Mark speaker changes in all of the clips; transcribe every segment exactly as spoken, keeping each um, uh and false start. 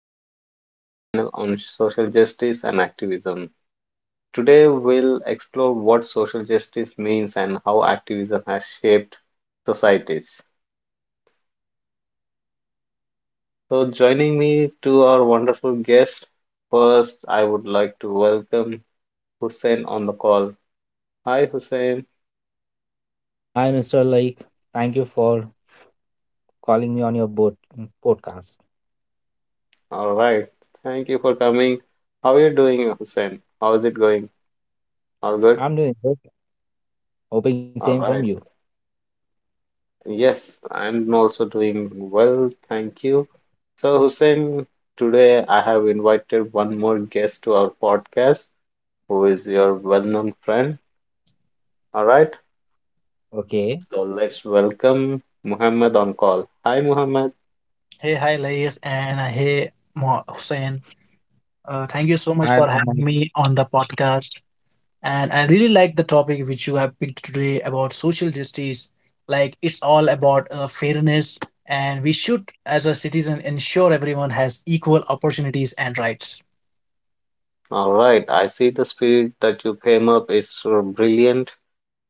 Speaker 1: welcome to our panel on social justice and activism. Today, we'll explore what social justice means and how activism has shaped societies. So, joining me to our wonderful guest, first, I would like to welcome Hussein on the call. Hi, Hussein.
Speaker 2: Hi, mister Laik. Thank you for calling me on your boat, podcast.
Speaker 1: All right. Thank you for coming. How are you doing, Hussein? How is it going? All good?
Speaker 2: I'm doing good. Hoping same
Speaker 1: All
Speaker 2: from you.
Speaker 1: right. Yes, I'm also doing well, thank you. So, Hussein, today I have invited one more guest to our podcast, who is your well-known friend. All right,
Speaker 2: Okay.
Speaker 1: so let's welcome Muhammad on call. Hi, Muhammad.
Speaker 3: Hey, hi, Laif, and uh, hey, Mo- Hussein. Uh, thank you so
Speaker 2: Hi,
Speaker 3: much for
Speaker 2: Mohammed.
Speaker 3: having me on the podcast. And I really like the topic which you have picked today about social justice. Like, it's all about uh, fairness, and we should, as a citizen, ensure everyone has equal opportunities and rights.
Speaker 1: All right, I see the spirit that you came up is so brilliant,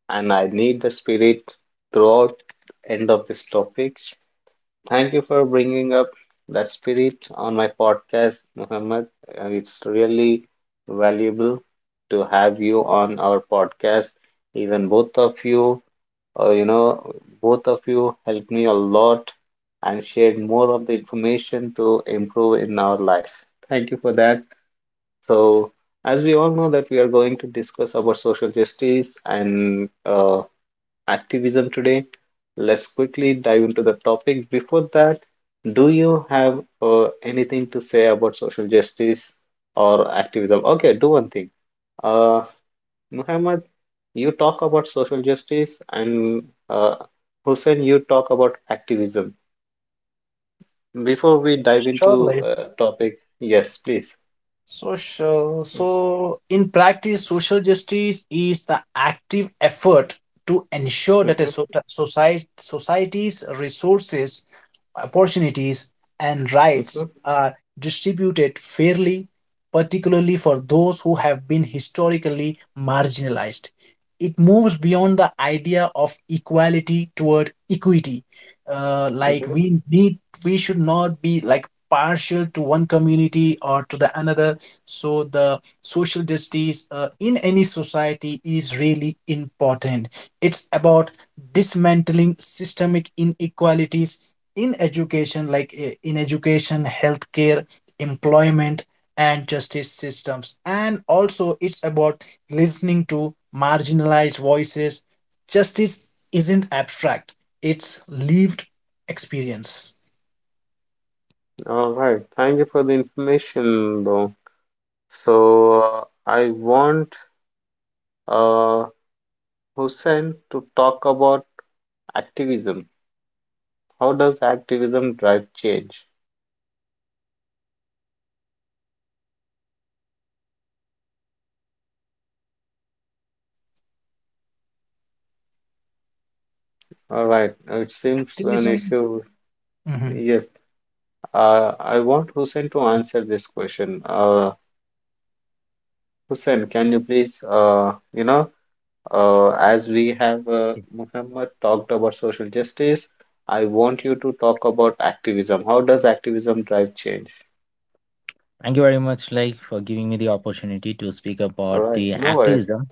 Speaker 1: and I need the spirit throughout end of this topic. Thank you for bringing up that spirit on my podcast, Muhammad. Uh, It's really valuable to have you on our podcast. Even both of you, uh, you know, both of you helped me a lot and shared more of the information to improve in our life. Thank you for that. So, as we all know that we are going to discuss about social justice and uh, activism today. Let's quickly dive into the topic. Before that, do you have uh, anything to say about social justice or activism? Okay, do one thing. Uh, Muhammad, you talk about social justice, and uh, Hussein, you talk about activism. Before we dive
Speaker 3: Sure,
Speaker 1: into
Speaker 3: Laif.
Speaker 1: uh, topic, yes, please.
Speaker 3: Social. So, in practice, social justice is the active effort to ensure that a
Speaker 1: Mhm.
Speaker 3: so- society, society's resources, opportunities, and
Speaker 1: Mhm.
Speaker 3: rights are distributed fairly, particularly for those who have been historically marginalized. It moves beyond the idea of equality toward equity. Uh, like
Speaker 1: Mhm.
Speaker 3: we need, we should not be like partial to one community or to the another. So the social justice uh, in any society is really important. It's about dismantling systemic inequalities in education, like uh, in education healthcare, employment, and justice systems, and also it's about listening to marginalized voices. Justice isn't abstract, it's lived experience.
Speaker 1: All right. Thank you for the information, bro. So uh, I want uh, Hussein, to talk about activism. How does activism drive change? All right, it seems an
Speaker 3: Activism.
Speaker 1: issue.
Speaker 3: Mhm.
Speaker 1: Yes, uh, I want Hussein to answer this question. Uh, Hussein, can you please, uh, you know, uh, as we have uh, Muhammad talked about social justice, I want you to talk about activism. How does activism drive change?
Speaker 2: Thank you very much, like, for giving me the opportunity to speak about
Speaker 1: All right,
Speaker 2: the
Speaker 1: no worries.
Speaker 2: activism.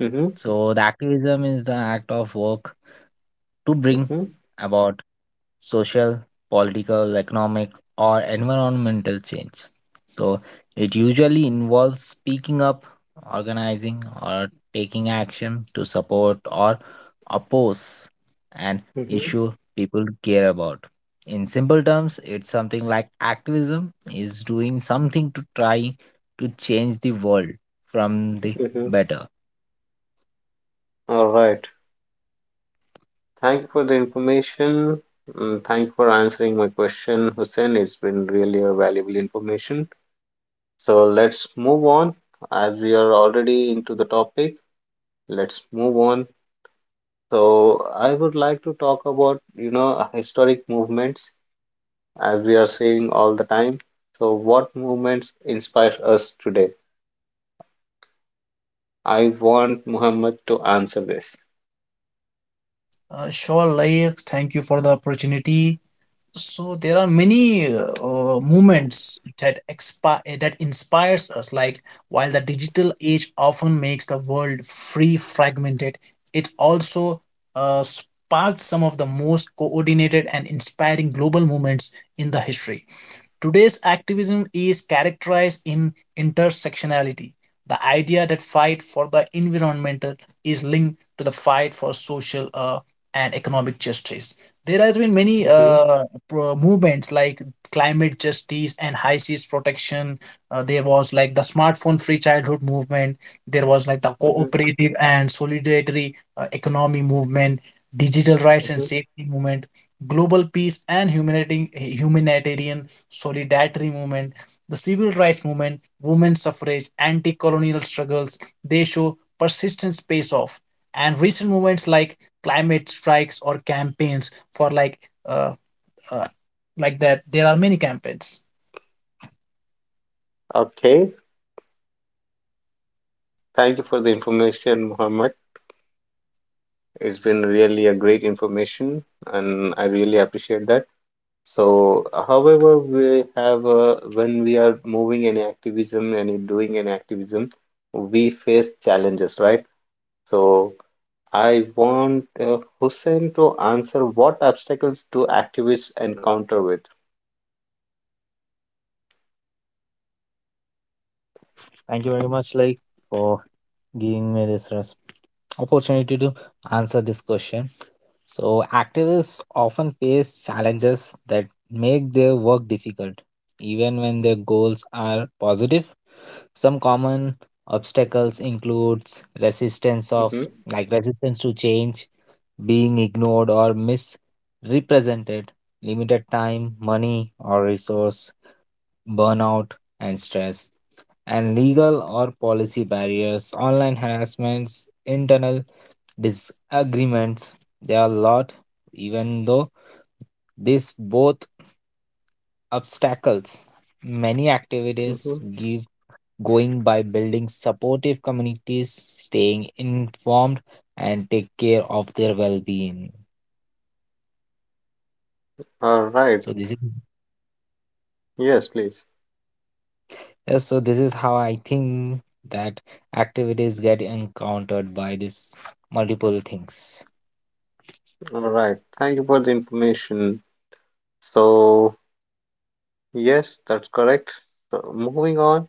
Speaker 1: Mm-hmm.
Speaker 2: So, the activism is the act of work to bring
Speaker 1: Mm-hmm.
Speaker 2: about social, political, economic, or environmental change. So it usually involves speaking up, organizing, or taking action to support or oppose an
Speaker 1: Mm-hmm.
Speaker 2: issue people care about. In simple terms, it's something like activism is doing something to try to change the world from the
Speaker 1: Mm-hmm.
Speaker 2: better.
Speaker 1: All right. Thank you for the information. Mm. Thank you for answering my question, Hussein. It's been really a valuable information. So let's move on. As we are already into the topic, let's move on. So I would like to talk about, you know, historic movements as we are saying all the time. So what movements inspire us today? I want Muhammad to answer this.
Speaker 3: uh, sure like thank you for the opportunity. So there are many uh, movements that expi- eh, that inspires us. Like while the digital age often makes the world free fragmented, it also uh, sparked some of the most coordinated and inspiring global movements in the history. Today's activism is characterized in intersectionality, the idea that fight for the environmental is linked to the fight for social uh, and economic justice. There has been many
Speaker 1: Hmm.
Speaker 3: uh, pro- movements like climate justice and high seas protection. Uh, there was like the smartphone free childhood movement. There was like the
Speaker 1: Hmm.
Speaker 3: cooperative and solidarity uh, economy movement, digital rights and
Speaker 1: Hmm.
Speaker 3: safety movement, global peace and humanitarian, humanitarian solidarity movement, the civil rights movement, women's suffrage, anti colonial struggles. They show persistence pays off. And recent movements like climate strikes or campaigns for like uh, uh, like that, there are many campaigns.
Speaker 1: Okay. Thank you for the information, Muhammad. It's been really a great information, and I really appreciate that. So, however, we have uh, when we are moving any activism and doing any activism, we face challenges, right? So, I want uh, Hussein to answer what obstacles do activists encounter with?
Speaker 2: Thank you very much, like, for giving me this res- opportunity to answer this question. So, activists often face challenges that make their work difficult, even when their goals are positive. Some common obstacles includes resistance of
Speaker 1: Mm-hmm.
Speaker 2: like resistance to change, being ignored or misrepresented, limited time, money or resource, burnout and stress and legal or policy barriers, online harassments, internal disagreements. There are a lot, even though these both obstacles. Many
Speaker 1: Mm-hmm.
Speaker 2: activities give going by building supportive communities, staying informed, and take care of their well-being.
Speaker 1: All right.
Speaker 2: So this is
Speaker 1: Yes, please.
Speaker 2: yes, so this is how I think that activities get encountered by these multiple things.
Speaker 1: All right. Thank you for the information. So, yes, that's correct. So, moving on.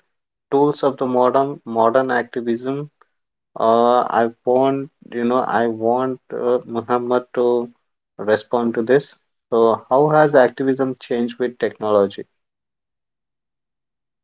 Speaker 1: Tools of the modern modern activism. Uh, I want, you know, I want uh, Muhammad to respond to this. So how has activism changed with technology?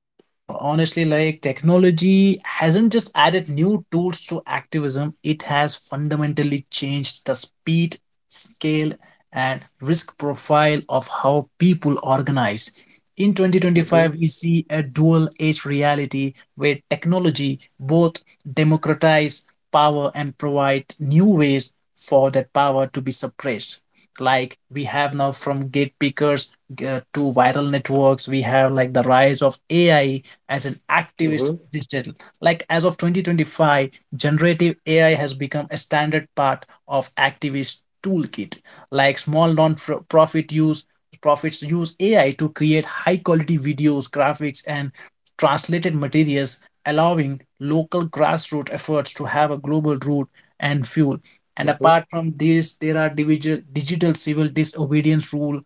Speaker 3: Uh, honestly, like technology hasn't just added new tools to activism, it has fundamentally changed the speed, scale, and risk profile of how people organize. In
Speaker 1: Mm-hmm.
Speaker 3: twenty twenty-five, we see a dual edged reality where technology both democratize power and provide new ways for that power to be suppressed. Like we have now from gate pickers uh, to viral networks, we have like the rise of AI as an activist
Speaker 1: Mm-hmm.
Speaker 3: digital. Like as of twenty twenty-five, generative AI has become a standard part of activist toolkit. Like small non-profit use profits use AI to create high quality videos, graphics, and translated materials, allowing local grassroots efforts to have a global root and fuel. And
Speaker 1: Mm-hmm.
Speaker 3: apart from this, there are digital digital civil disobedience rule.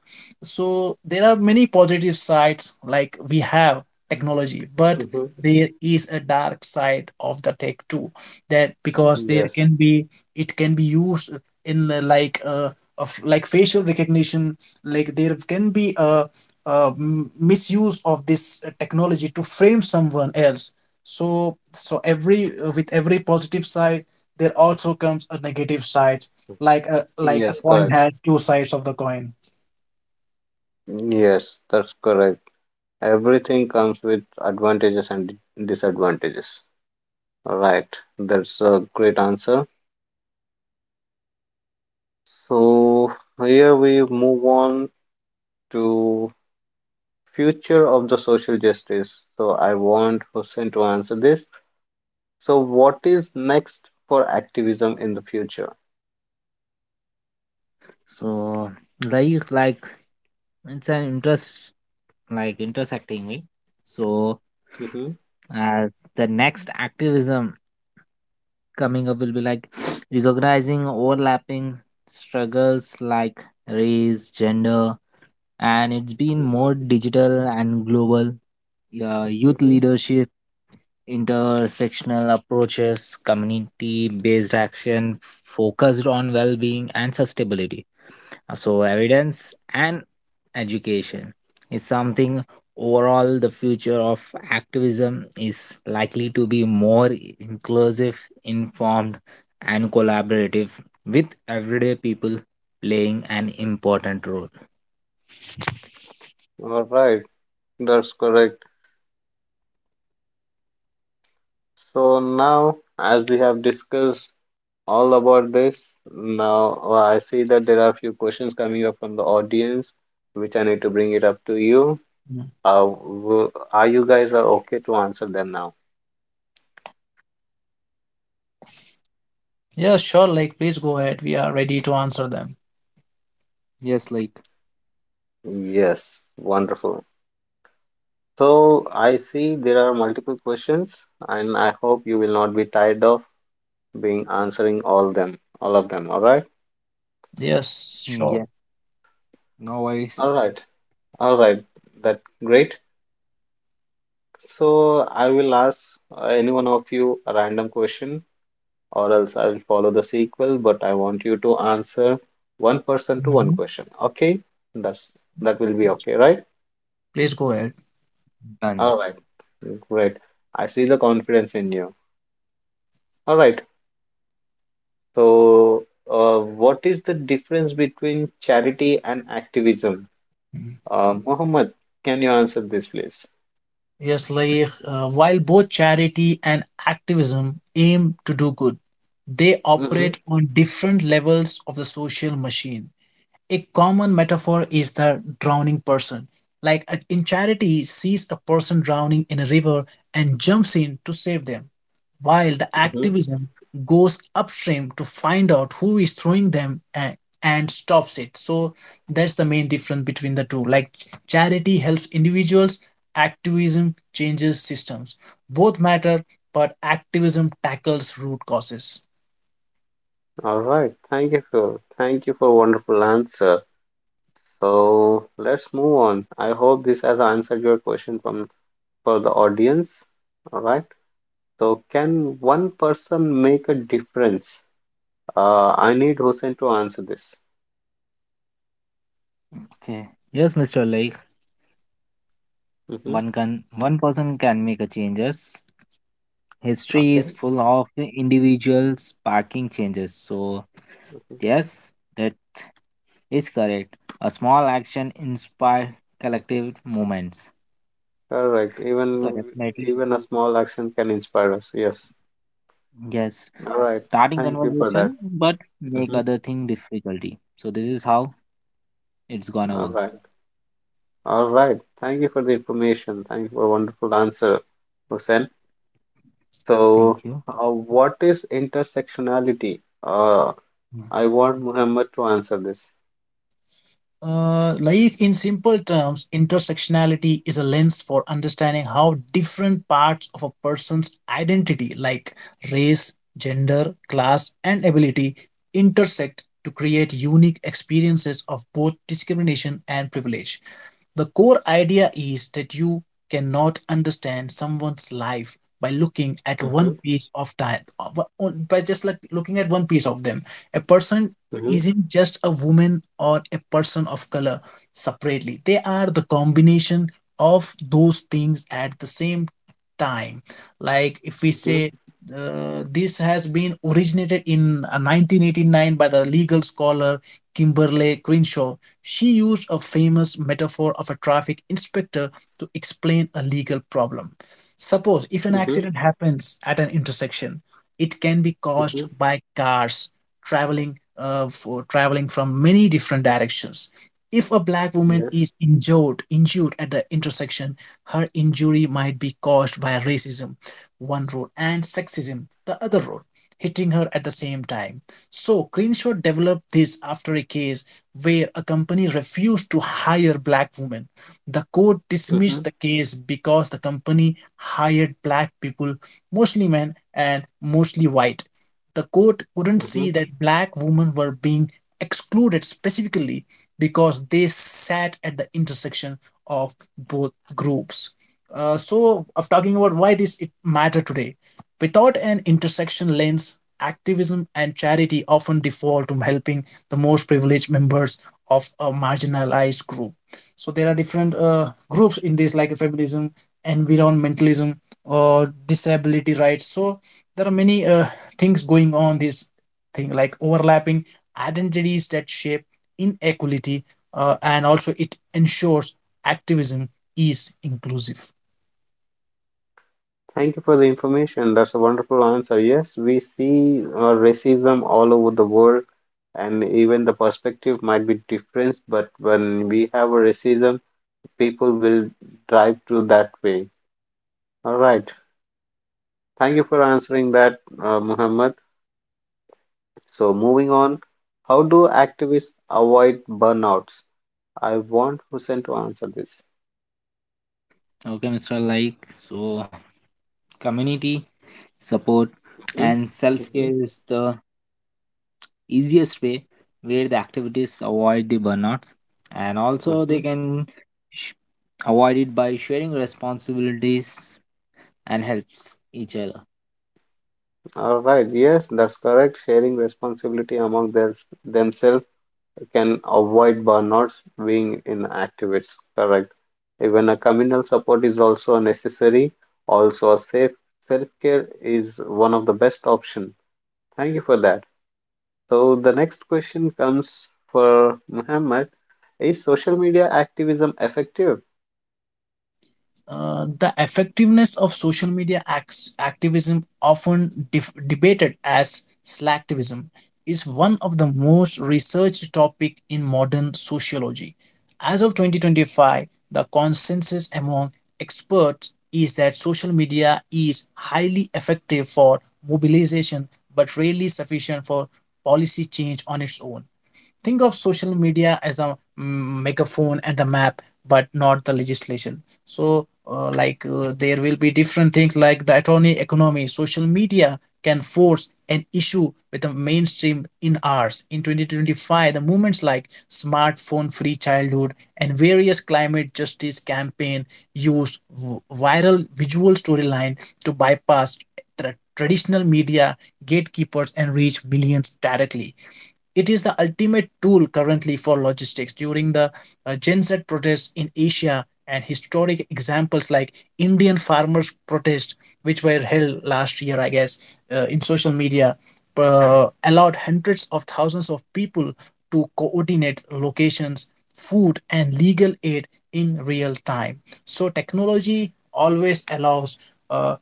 Speaker 3: So there are many positive sides, like we have technology, but
Speaker 1: Mm-hmm.
Speaker 3: there is a dark side of the tech too. That because there
Speaker 1: Yes.
Speaker 3: can be, it can be used in the like uh, of like facial recognition. Like there can be a, a m- misuse of this technology to frame someone else. So so every uh, with every positive side there also comes a negative side, like a like a
Speaker 1: Yes,
Speaker 3: coin
Speaker 1: correct.
Speaker 3: has two sides of the coin.
Speaker 1: Yes, that's correct. Everything comes with advantages and d- disadvantages. Right. That's a great answer. So here we move on to future of the social justice. So I want Hussein to answer this. So what is next for activism in the future?
Speaker 2: So like like it's an interest like intersecting me. So
Speaker 1: Mm-hmm.
Speaker 2: as the next activism coming up will be like recognizing overlapping struggles like race, gender, and it's been more
Speaker 1: Mm-hmm.
Speaker 2: digital and global. Uh, youth
Speaker 1: Mm-hmm.
Speaker 2: leadership, intersectional approaches, community based action focused on well being and sustainability. Uh, So, evidence and education is something. Overall, the future of activism is likely to be more inclusive, informed, and collaborative with everyday people playing an important role.
Speaker 1: All right, that's correct. So now, as we have discussed all about this, now uh, I see that there are a few questions coming up from the audience, which I need to bring it up to you.
Speaker 3: Mm.
Speaker 1: Uh, w- are you guys are okay to answer them now?
Speaker 3: yeah sure like please go ahead, we are ready to answer them.
Speaker 2: Yes, like.
Speaker 1: Yes, wonderful. So I see there are multiple questions, and I hope you will not be tired of being answering all them, all of them. All right,
Speaker 3: Yes,
Speaker 2: Mm,
Speaker 3: sure.
Speaker 2: yes, no
Speaker 1: all
Speaker 2: worries.
Speaker 1: right, all right. That great. So I will ask uh, any one of you a random question, or else I will follow the sequel. But I want you to answer one person to one
Speaker 3: Mhm.
Speaker 1: question. Okay, that's that will be
Speaker 3: Yes,
Speaker 1: okay, right?
Speaker 3: please go ahead.
Speaker 2: Done.
Speaker 1: All right, great. I see the confidence in you. All right. So, uh, what is the difference between charity and activism? Uh, Mohammed, can you answer this, please?
Speaker 3: Yes like uh, while both charity and activism aim to do good, they
Speaker 1: Mm-hmm.
Speaker 3: operate on different levels of the social machine. A common metaphor is the drowning person. Like a- in Charity sees a person drowning in a river and jumps in to save them, while the
Speaker 1: Mm-hmm.
Speaker 3: activism goes upstream to find out who is throwing them and, and stops it. So that's the main difference between the two. Like ch- charity helps individuals, activism changes systems. Both matter, but activism tackles root causes.
Speaker 1: All right. Thank you for thank you for wonderful answer. So let's move on. I hope this has answered your question from for the audience. All right. So can one person make a difference? Uh, I need Hussein to answer this.
Speaker 2: Okay. Yes, mister Lake.
Speaker 1: Mm-hmm.
Speaker 2: One can one person can make a changes. History
Speaker 1: Okay.
Speaker 2: is full of individuals sparking changes. So
Speaker 1: Mm-hmm.
Speaker 2: yes, that is correct. A small action inspire collective movements.
Speaker 1: Correct.
Speaker 2: So
Speaker 1: Even
Speaker 2: definitely,
Speaker 1: even a small action can inspire us. Yes.
Speaker 2: yes.
Speaker 1: All right.
Speaker 2: Starting
Speaker 1: Thank you for that.
Speaker 2: conversation but make
Speaker 1: Hmm.
Speaker 2: other thing difficulty. So this is how it's gonna
Speaker 1: All right.
Speaker 2: work.
Speaker 1: All right. Thank you for the information. Thank you for a wonderful answer, Hussein. So,
Speaker 2: Thank you.
Speaker 1: uh, what is intersectionality? Uh, I want Muhammad to answer this.
Speaker 3: Uh, like in simple terms, intersectionality is a lens for understanding how different parts of a person's identity, like race, gender, class, and ability, intersect to create unique experiences of both discrimination and privilege. The core idea is that you cannot understand someone's life by looking at one
Speaker 1: Mm-hmm.
Speaker 3: piece of time, by just like looking at one piece of them. A person
Speaker 1: Mm-hmm.
Speaker 3: isn't just a woman or a person of color separately. They are the combination of those things at the same time. Like if we say uh, this has been originated in uh, nineteen eighty-nine by the legal scholar Kimberly Crenshaw. She used a famous metaphor of a traffic inspector to explain a legal problem. Suppose if an
Speaker 1: Mm-hmm.
Speaker 3: accident happens at an intersection, it can be caused
Speaker 1: Mm-hmm.
Speaker 3: by cars traveling uh, for traveling from many different directions. If a black woman
Speaker 1: Yes.
Speaker 3: is injured, injured at the intersection, her injury might be caused by racism, one road, and sexism, the other road, hitting her at the same time. So, Crenshaw developed this after a case where a company refused to hire black women. The court
Speaker 1: Mm-hmm.
Speaker 3: dismissed the case because the company hired black people, mostly men and mostly white. The court couldn't see that black women were being excluded specifically because they sat at the intersection of both groups. Uh, so, of talking about why this it matter today, without an intersection lens, activism and charity often default to helping the most privileged members of a marginalized group. So there are different uh, groups in this, like feminism, environmentalism, or disability rights. So there are many uh, things going on this thing, like overlapping identities that shape inequality, uh, and also it ensures activism is inclusive.
Speaker 1: Thank you for the information. That's a wonderful answer. Yes, we see uh, racism all over the world, and even the perspective might be different, but when we have a racism, people will drive to that way. All right. Thank you for answering that, uh, Muhammad. So, moving on, how do activists avoid burnouts? I want Hussein to answer this.
Speaker 2: Okay, mister Like, so community support
Speaker 1: Mhm.
Speaker 2: and self
Speaker 1: Mhm.
Speaker 2: care is the easiest way where the activities avoid the burnouts, and also they
Speaker 1: Mhm.
Speaker 2: can sh- avoid it by sharing responsibilities and helps each other.
Speaker 1: All right. Yes, that's correct. Sharing responsibility among their, themselves can avoid burnouts being inactive. It's correct. Even a communal support is also necessary. Also, a safe self-care is one of the best option. Thank you for that. So the next question comes for Muhammad. Is social media activism effective?
Speaker 3: Uh, the effectiveness of social media acts, activism, often def- debated as slacktivism, is one of the most researched topic in modern sociology. As of twenty twenty-five, the consensus among experts is that social media is highly effective for mobilization but rarely sufficient for policy change on its own. Think of social media as the mm, megaphone and the map, but not the legislation. So, uh, like, uh, there will be different things like the attorney economy. Social media can force an issue with the mainstream in ours. In twenty twenty-five, the movements like smartphone free childhood and various climate justice campaign used v- viral visual storyline to bypass tra- traditional media gatekeepers and reach millions directly. It is the ultimate tool currently for logistics. During the uh, Gen Z protests in Asia and historic examples like Indian farmers' protests, which were held last year, I guess, uh, in social media, uh, allowed hundreds of thousands of people to coordinate locations, food, and legal aid in real time. So, technology always allows uh,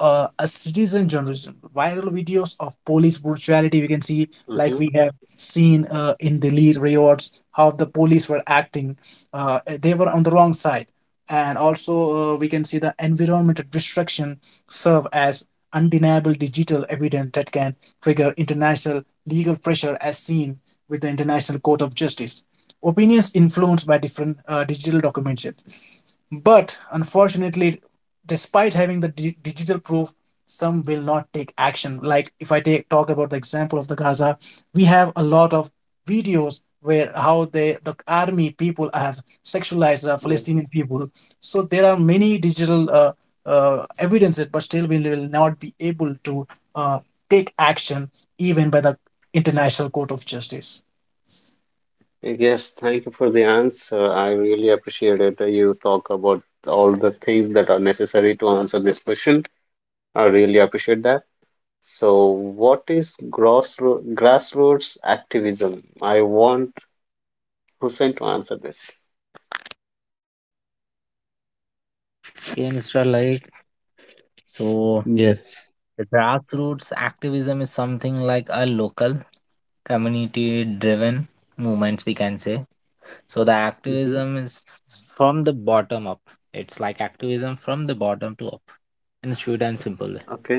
Speaker 3: uh, a citizen journalism. Viral videos of police brutality, we can see, like
Speaker 1: Hmm.
Speaker 3: we have seen uh, in the lead riots, how the police were acting. Uh, they were on the wrong side. And also uh, we can see the environmental destruction serve as undeniable digital evidence that can trigger international legal pressure, as seen with the International Court of Justice opinions influenced by different uh, digital documents. But unfortunately, despite having the di- digital proof, some will not take action. Like if I take talk about the example of the Gaza, we have a lot of videos where how they the army people have sexualized the
Speaker 1: Yes.
Speaker 3: Palestinian people. So there are many digital uh, uh, evidences, but still we will not be able to uh, take action even by the International Court of Justice.
Speaker 1: Yes, thank you for the answer. I really appreciate it. Uh, You talk about all the things that are necessary to answer this question. I really appreciate that. So, what is grassro- grassroots activism? I want Hussein to answer this.
Speaker 2: Yeah, mister Like, so
Speaker 1: Yes.
Speaker 2: the grassroots activism is something like a local community driven movements, we can say. So the
Speaker 1: Hmm.
Speaker 2: activism is from the bottom up. It's like activism from the bottom to up, in a short and simple way.
Speaker 1: Okay,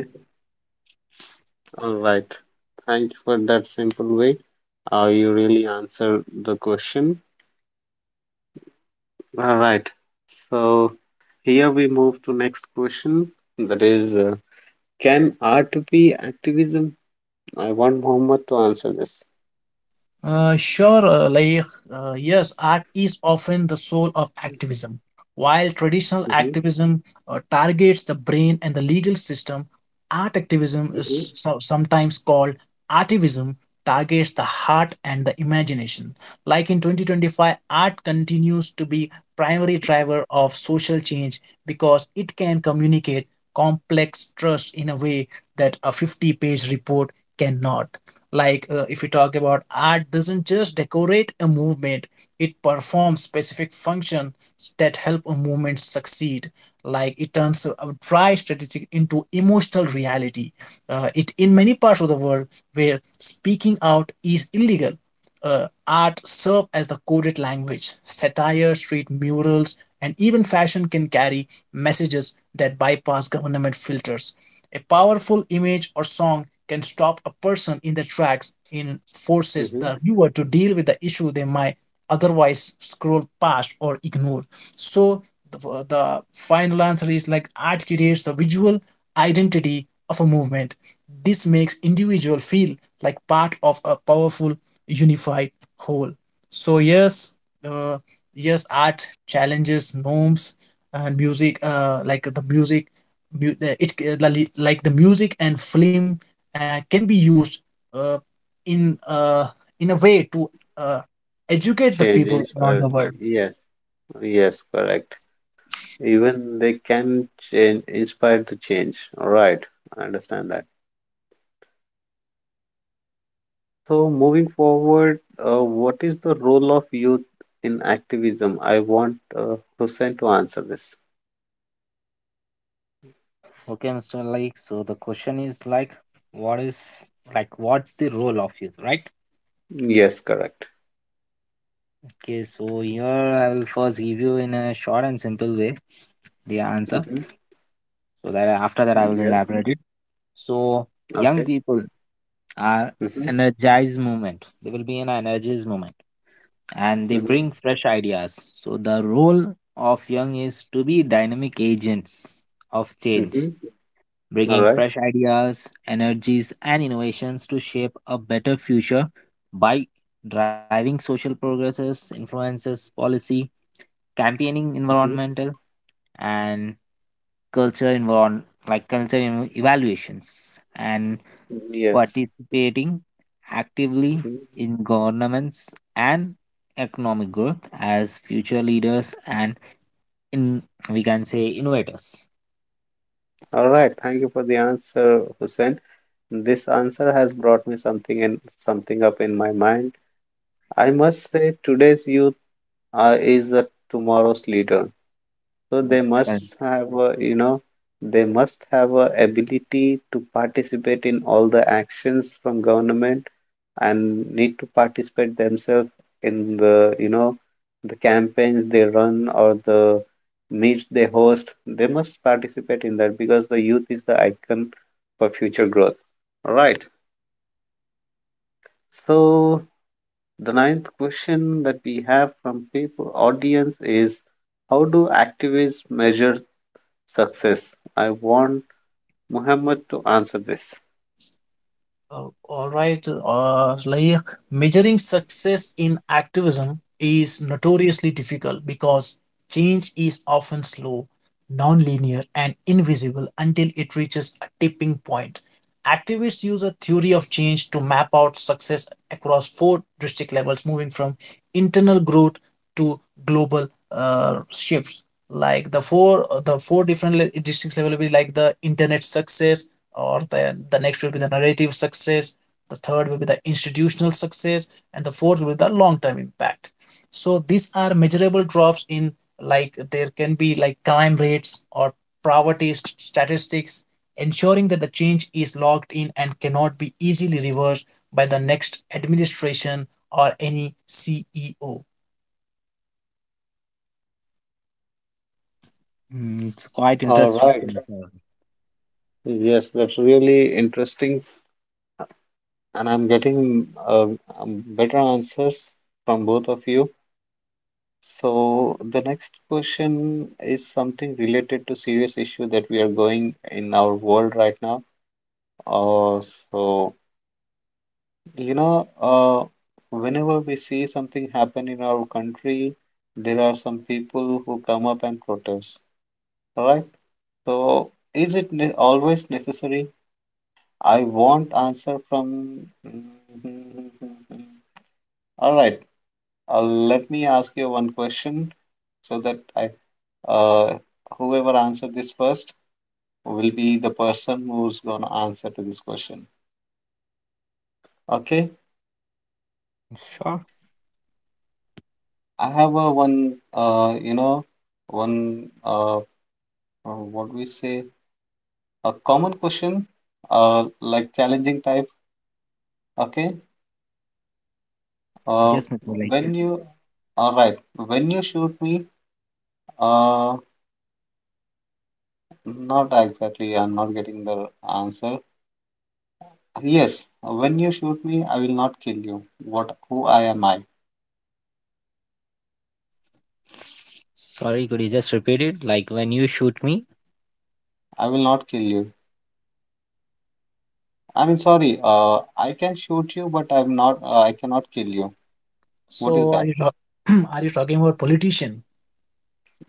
Speaker 1: all right. Thank you for that simple way. Uh, you really answered the question. All right. So, here we move to next question. That is, uh, can art be activism? I want Muhammad to answer this.
Speaker 3: Uh, sure, uh, like, uh, yes, art is often the soul of activism. While traditional
Speaker 1: Mm-hmm.
Speaker 3: activism uh, targets the brain and the legal system, art activism
Speaker 1: Mm-hmm.
Speaker 3: is so- sometimes called artivism, targets the heart and the imagination. Like in twenty twenty-five, art continues to be primary driver of social change because it can communicate complex trust in a way that a fifty-page report cannot. Like uh, if you talk about art doesn't just decorate a movement, it performs specific functions that help a movement succeed. Like it turns a dry strategy into emotional reality. Uh, it in many parts of the world where speaking out is illegal, uh, art serve as the coded language. Satire, street murals, and even fashion can carry messages that bypass government filters. A powerful image or song can stop a person in their tracks and forces the
Speaker 1: Mm-hmm.
Speaker 3: viewer to deal with the issue they might otherwise scroll past or ignore. So, the, the final answer is like art creates the visual identity of a movement. This makes individual feel like part of a powerful unified whole. So yes, uh, yes art challenges norms, and music uh, like the music mu- the- it uh, li- like the music and film uh, can be used uh, in uh, in a way to uh, educate the people.
Speaker 1: Changes, but yes, yes, correct. Even they can change, inspire to change. All right, I understand that. So moving forward, uh, what is the role of youth in activism? I want uh, Hussein to answer this.
Speaker 2: Okay, mister Like, so the question is like, what is like, what's the role of youth, right?
Speaker 1: Yes, correct.
Speaker 2: Okay, so here I will first give you in a short and simple way the answer,
Speaker 1: Mm-hmm.
Speaker 2: so that after that I will
Speaker 1: Yes.
Speaker 2: elaborate it. So young
Speaker 1: Okay.
Speaker 2: people are
Speaker 1: Mm-hmm.
Speaker 2: energized movement. They will be an energized movement, and they
Speaker 1: Mm-hmm.
Speaker 2: bring fresh ideas. So the role of young is to be dynamic agents of change,
Speaker 1: Mm-hmm. All
Speaker 2: bringing
Speaker 1: right.
Speaker 2: fresh ideas, energies, and innovations to shape a better future by driving social progresses, influences, policy, campaigning
Speaker 1: Mm-hmm.
Speaker 2: environmental and culture environ like culture en- evaluations, and
Speaker 1: Yes.
Speaker 2: participating actively
Speaker 1: Mhm.
Speaker 2: in governments and economic growth as future leaders and in, we can say, innovators.
Speaker 1: All right. Thank you for the answer, Hussein. This answer has brought me something in something up in my mind. I must say today's youth uh, is a tomorrow's leader. So they
Speaker 2: That's
Speaker 1: must
Speaker 2: correct.
Speaker 1: have a, you know, they must have a ability to participate in all the actions from government and need to participate themselves in the, you know, the campaigns they run or the meets they host. They must participate in that because the youth is the icon for future growth. All right. So the ninth question that we have from people audience is how do activists measure success? I want Muhammad to answer this.
Speaker 3: Uh, all right. Uh, like measuring success in activism is notoriously difficult because change is often slow, non-linear, and invisible until it reaches a tipping point. Activists use a theory of change to map out success across four district levels, moving from internal growth to global uh, shifts. Like the four the four different le- districts level will be like the internet success, or the the next will be the narrative success, the third will be the institutional success, and the fourth will be the long term impact. So these are measurable drops in, like there can be like crime rates or poverty st- statistics, ensuring that the change is locked in and cannot be easily reversed by the next administration or any C E O.
Speaker 2: Mm, it's quite
Speaker 1: All right.
Speaker 2: interesting so.
Speaker 1: Yes, that's really interesting, and I'm getting uh, um, better answers from both of you. So the next question is something related to serious issue that we are going in our world right now. Uh, so you know, uh, whenever we see something happen in our country, there are some people who come up and protest, all right? So, is it ne always necessary? I want answer from. All right, uh, let me ask you one question so that I, uh, whoever answered this first will be the person who's gonna answer to this question. Okay,
Speaker 2: Sure.
Speaker 1: I have a one, uh, you know, one, uh, uh, what do we say, a common question, uh, like challenging type. Okay, uh,
Speaker 2: Yes, Mithun,
Speaker 1: when
Speaker 2: like.
Speaker 1: you, all right, when you shoot me. Uh, Not exactly. I'm not getting the answer. Yes, when you shoot me, I will not kill you. What? Who I am I?
Speaker 2: Sorry, could you just repeat it? Like when you shoot me.
Speaker 1: I will not kill you. I mean, sorry. Uh, I can shoot you, but I'm not. Uh, I cannot kill you. What is
Speaker 3: so are
Speaker 1: that?
Speaker 3: you ta- are you talking about politician?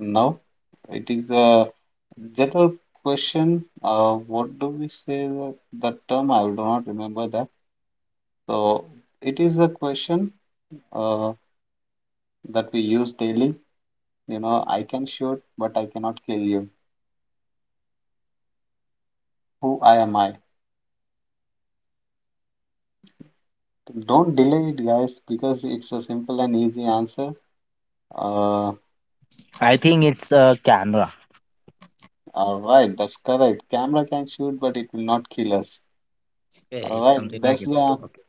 Speaker 1: No, it is a general question. Uh, what do we say that, that term? I do not remember that. So it is a question. Uh, that we use daily. You know, I can shoot, but I cannot kill you. Who I am I? Don't delay it, guys, because it's a simple and easy answer. Uh,
Speaker 2: I think it's a camera.
Speaker 1: all right, that's correct. Camera can shoot, but it will not kill us.
Speaker 2: Okay,
Speaker 1: All
Speaker 2: it's
Speaker 1: right,
Speaker 2: something like
Speaker 1: that's
Speaker 2: it's
Speaker 1: the.
Speaker 2: okay.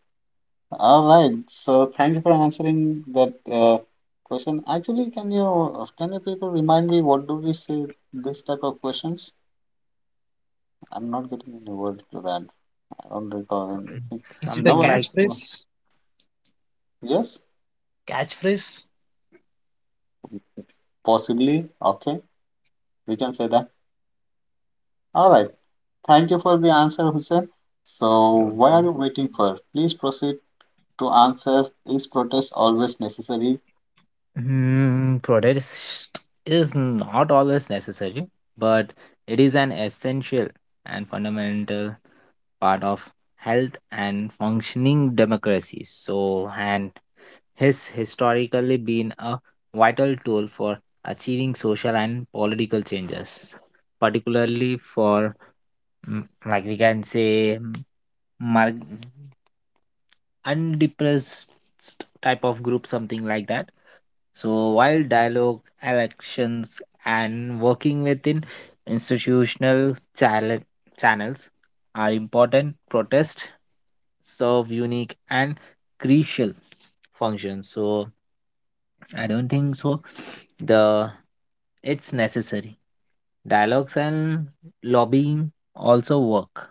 Speaker 1: All right, so thank you for answering that uh, question. Actually, can you can you people remind me what do we say this type of questions? I'm not getting any word to that. I don't recall
Speaker 2: So
Speaker 1: anything.
Speaker 2: it's
Speaker 3: Is it a
Speaker 1: No
Speaker 2: something
Speaker 1: worries.
Speaker 2: like
Speaker 3: catchphrase?
Speaker 1: Yes,
Speaker 3: Catchphrase?
Speaker 1: possibly. Okay, we can say that. All right. Thank you for the answer, Hussein. So,
Speaker 2: I don't
Speaker 1: why are
Speaker 2: know.
Speaker 1: you waiting for? Please proceed to answer. Is protest always necessary?
Speaker 2: Hmm, protest is not always necessary, but it is an essential and fundamental part of health and functioning democracy. So, and has historically been a vital tool for achieving social and political changes, particularly for, mm, like we can say, mm, mar- undepressed type of group, something like that. So while dialogue, elections, and working within institutional chale- channels are important, protests serve unique and crucial functions. So I don't think so. The it's necessary. Dialogues and lobbying also work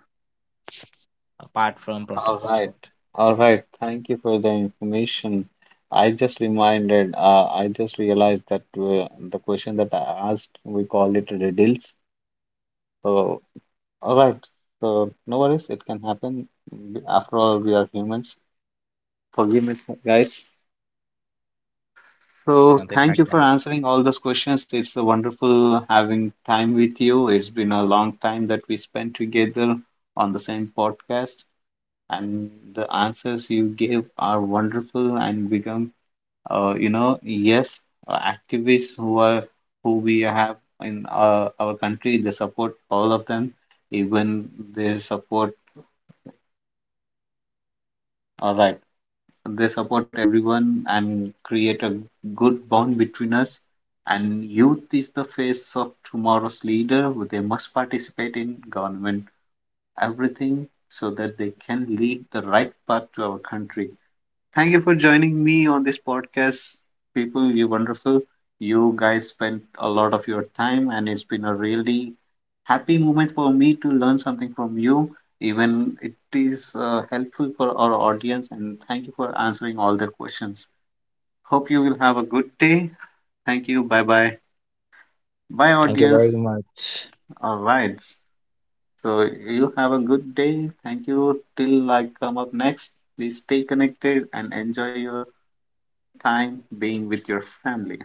Speaker 2: apart from
Speaker 1: All
Speaker 2: protest.
Speaker 1: right, all right. Thank you for the information. I just reminded, uh, I just realized that uh, the question that I asked, we call it riddles. So, all right. So, no worries, it can happen. After all, we are humans. Forgive me, guys.
Speaker 2: There's
Speaker 1: So,
Speaker 2: nothing
Speaker 1: thank
Speaker 2: like
Speaker 1: you for
Speaker 2: that.
Speaker 1: answering all those questions. It's a wonderful having time with you. It's been a long time that we spent together on the same podcast, and the answers you gave are wonderful and become, uh, you know, yes, uh, activists who are who we have in our, our country. They support all of them, even they support. All right. They support everyone and create a good bond between us. And youth is the face of tomorrow's leader. They must participate in government, everything, so that they can lead the right path to our country. Thank you for joining me on this podcast, people. You're wonderful. You guys spent a lot of your time, and it's been a really happy moment for me to learn something from you. Even it is uh, helpful for our audience, and thank you for answering all the questions. Hope you will have a good day. Thank you. Bye bye. Bye,
Speaker 2: Thank you very
Speaker 1: audience.
Speaker 2: much.
Speaker 1: All right. So you have a good day. Thank you. Till I come up next, please stay connected and enjoy your time being with your family.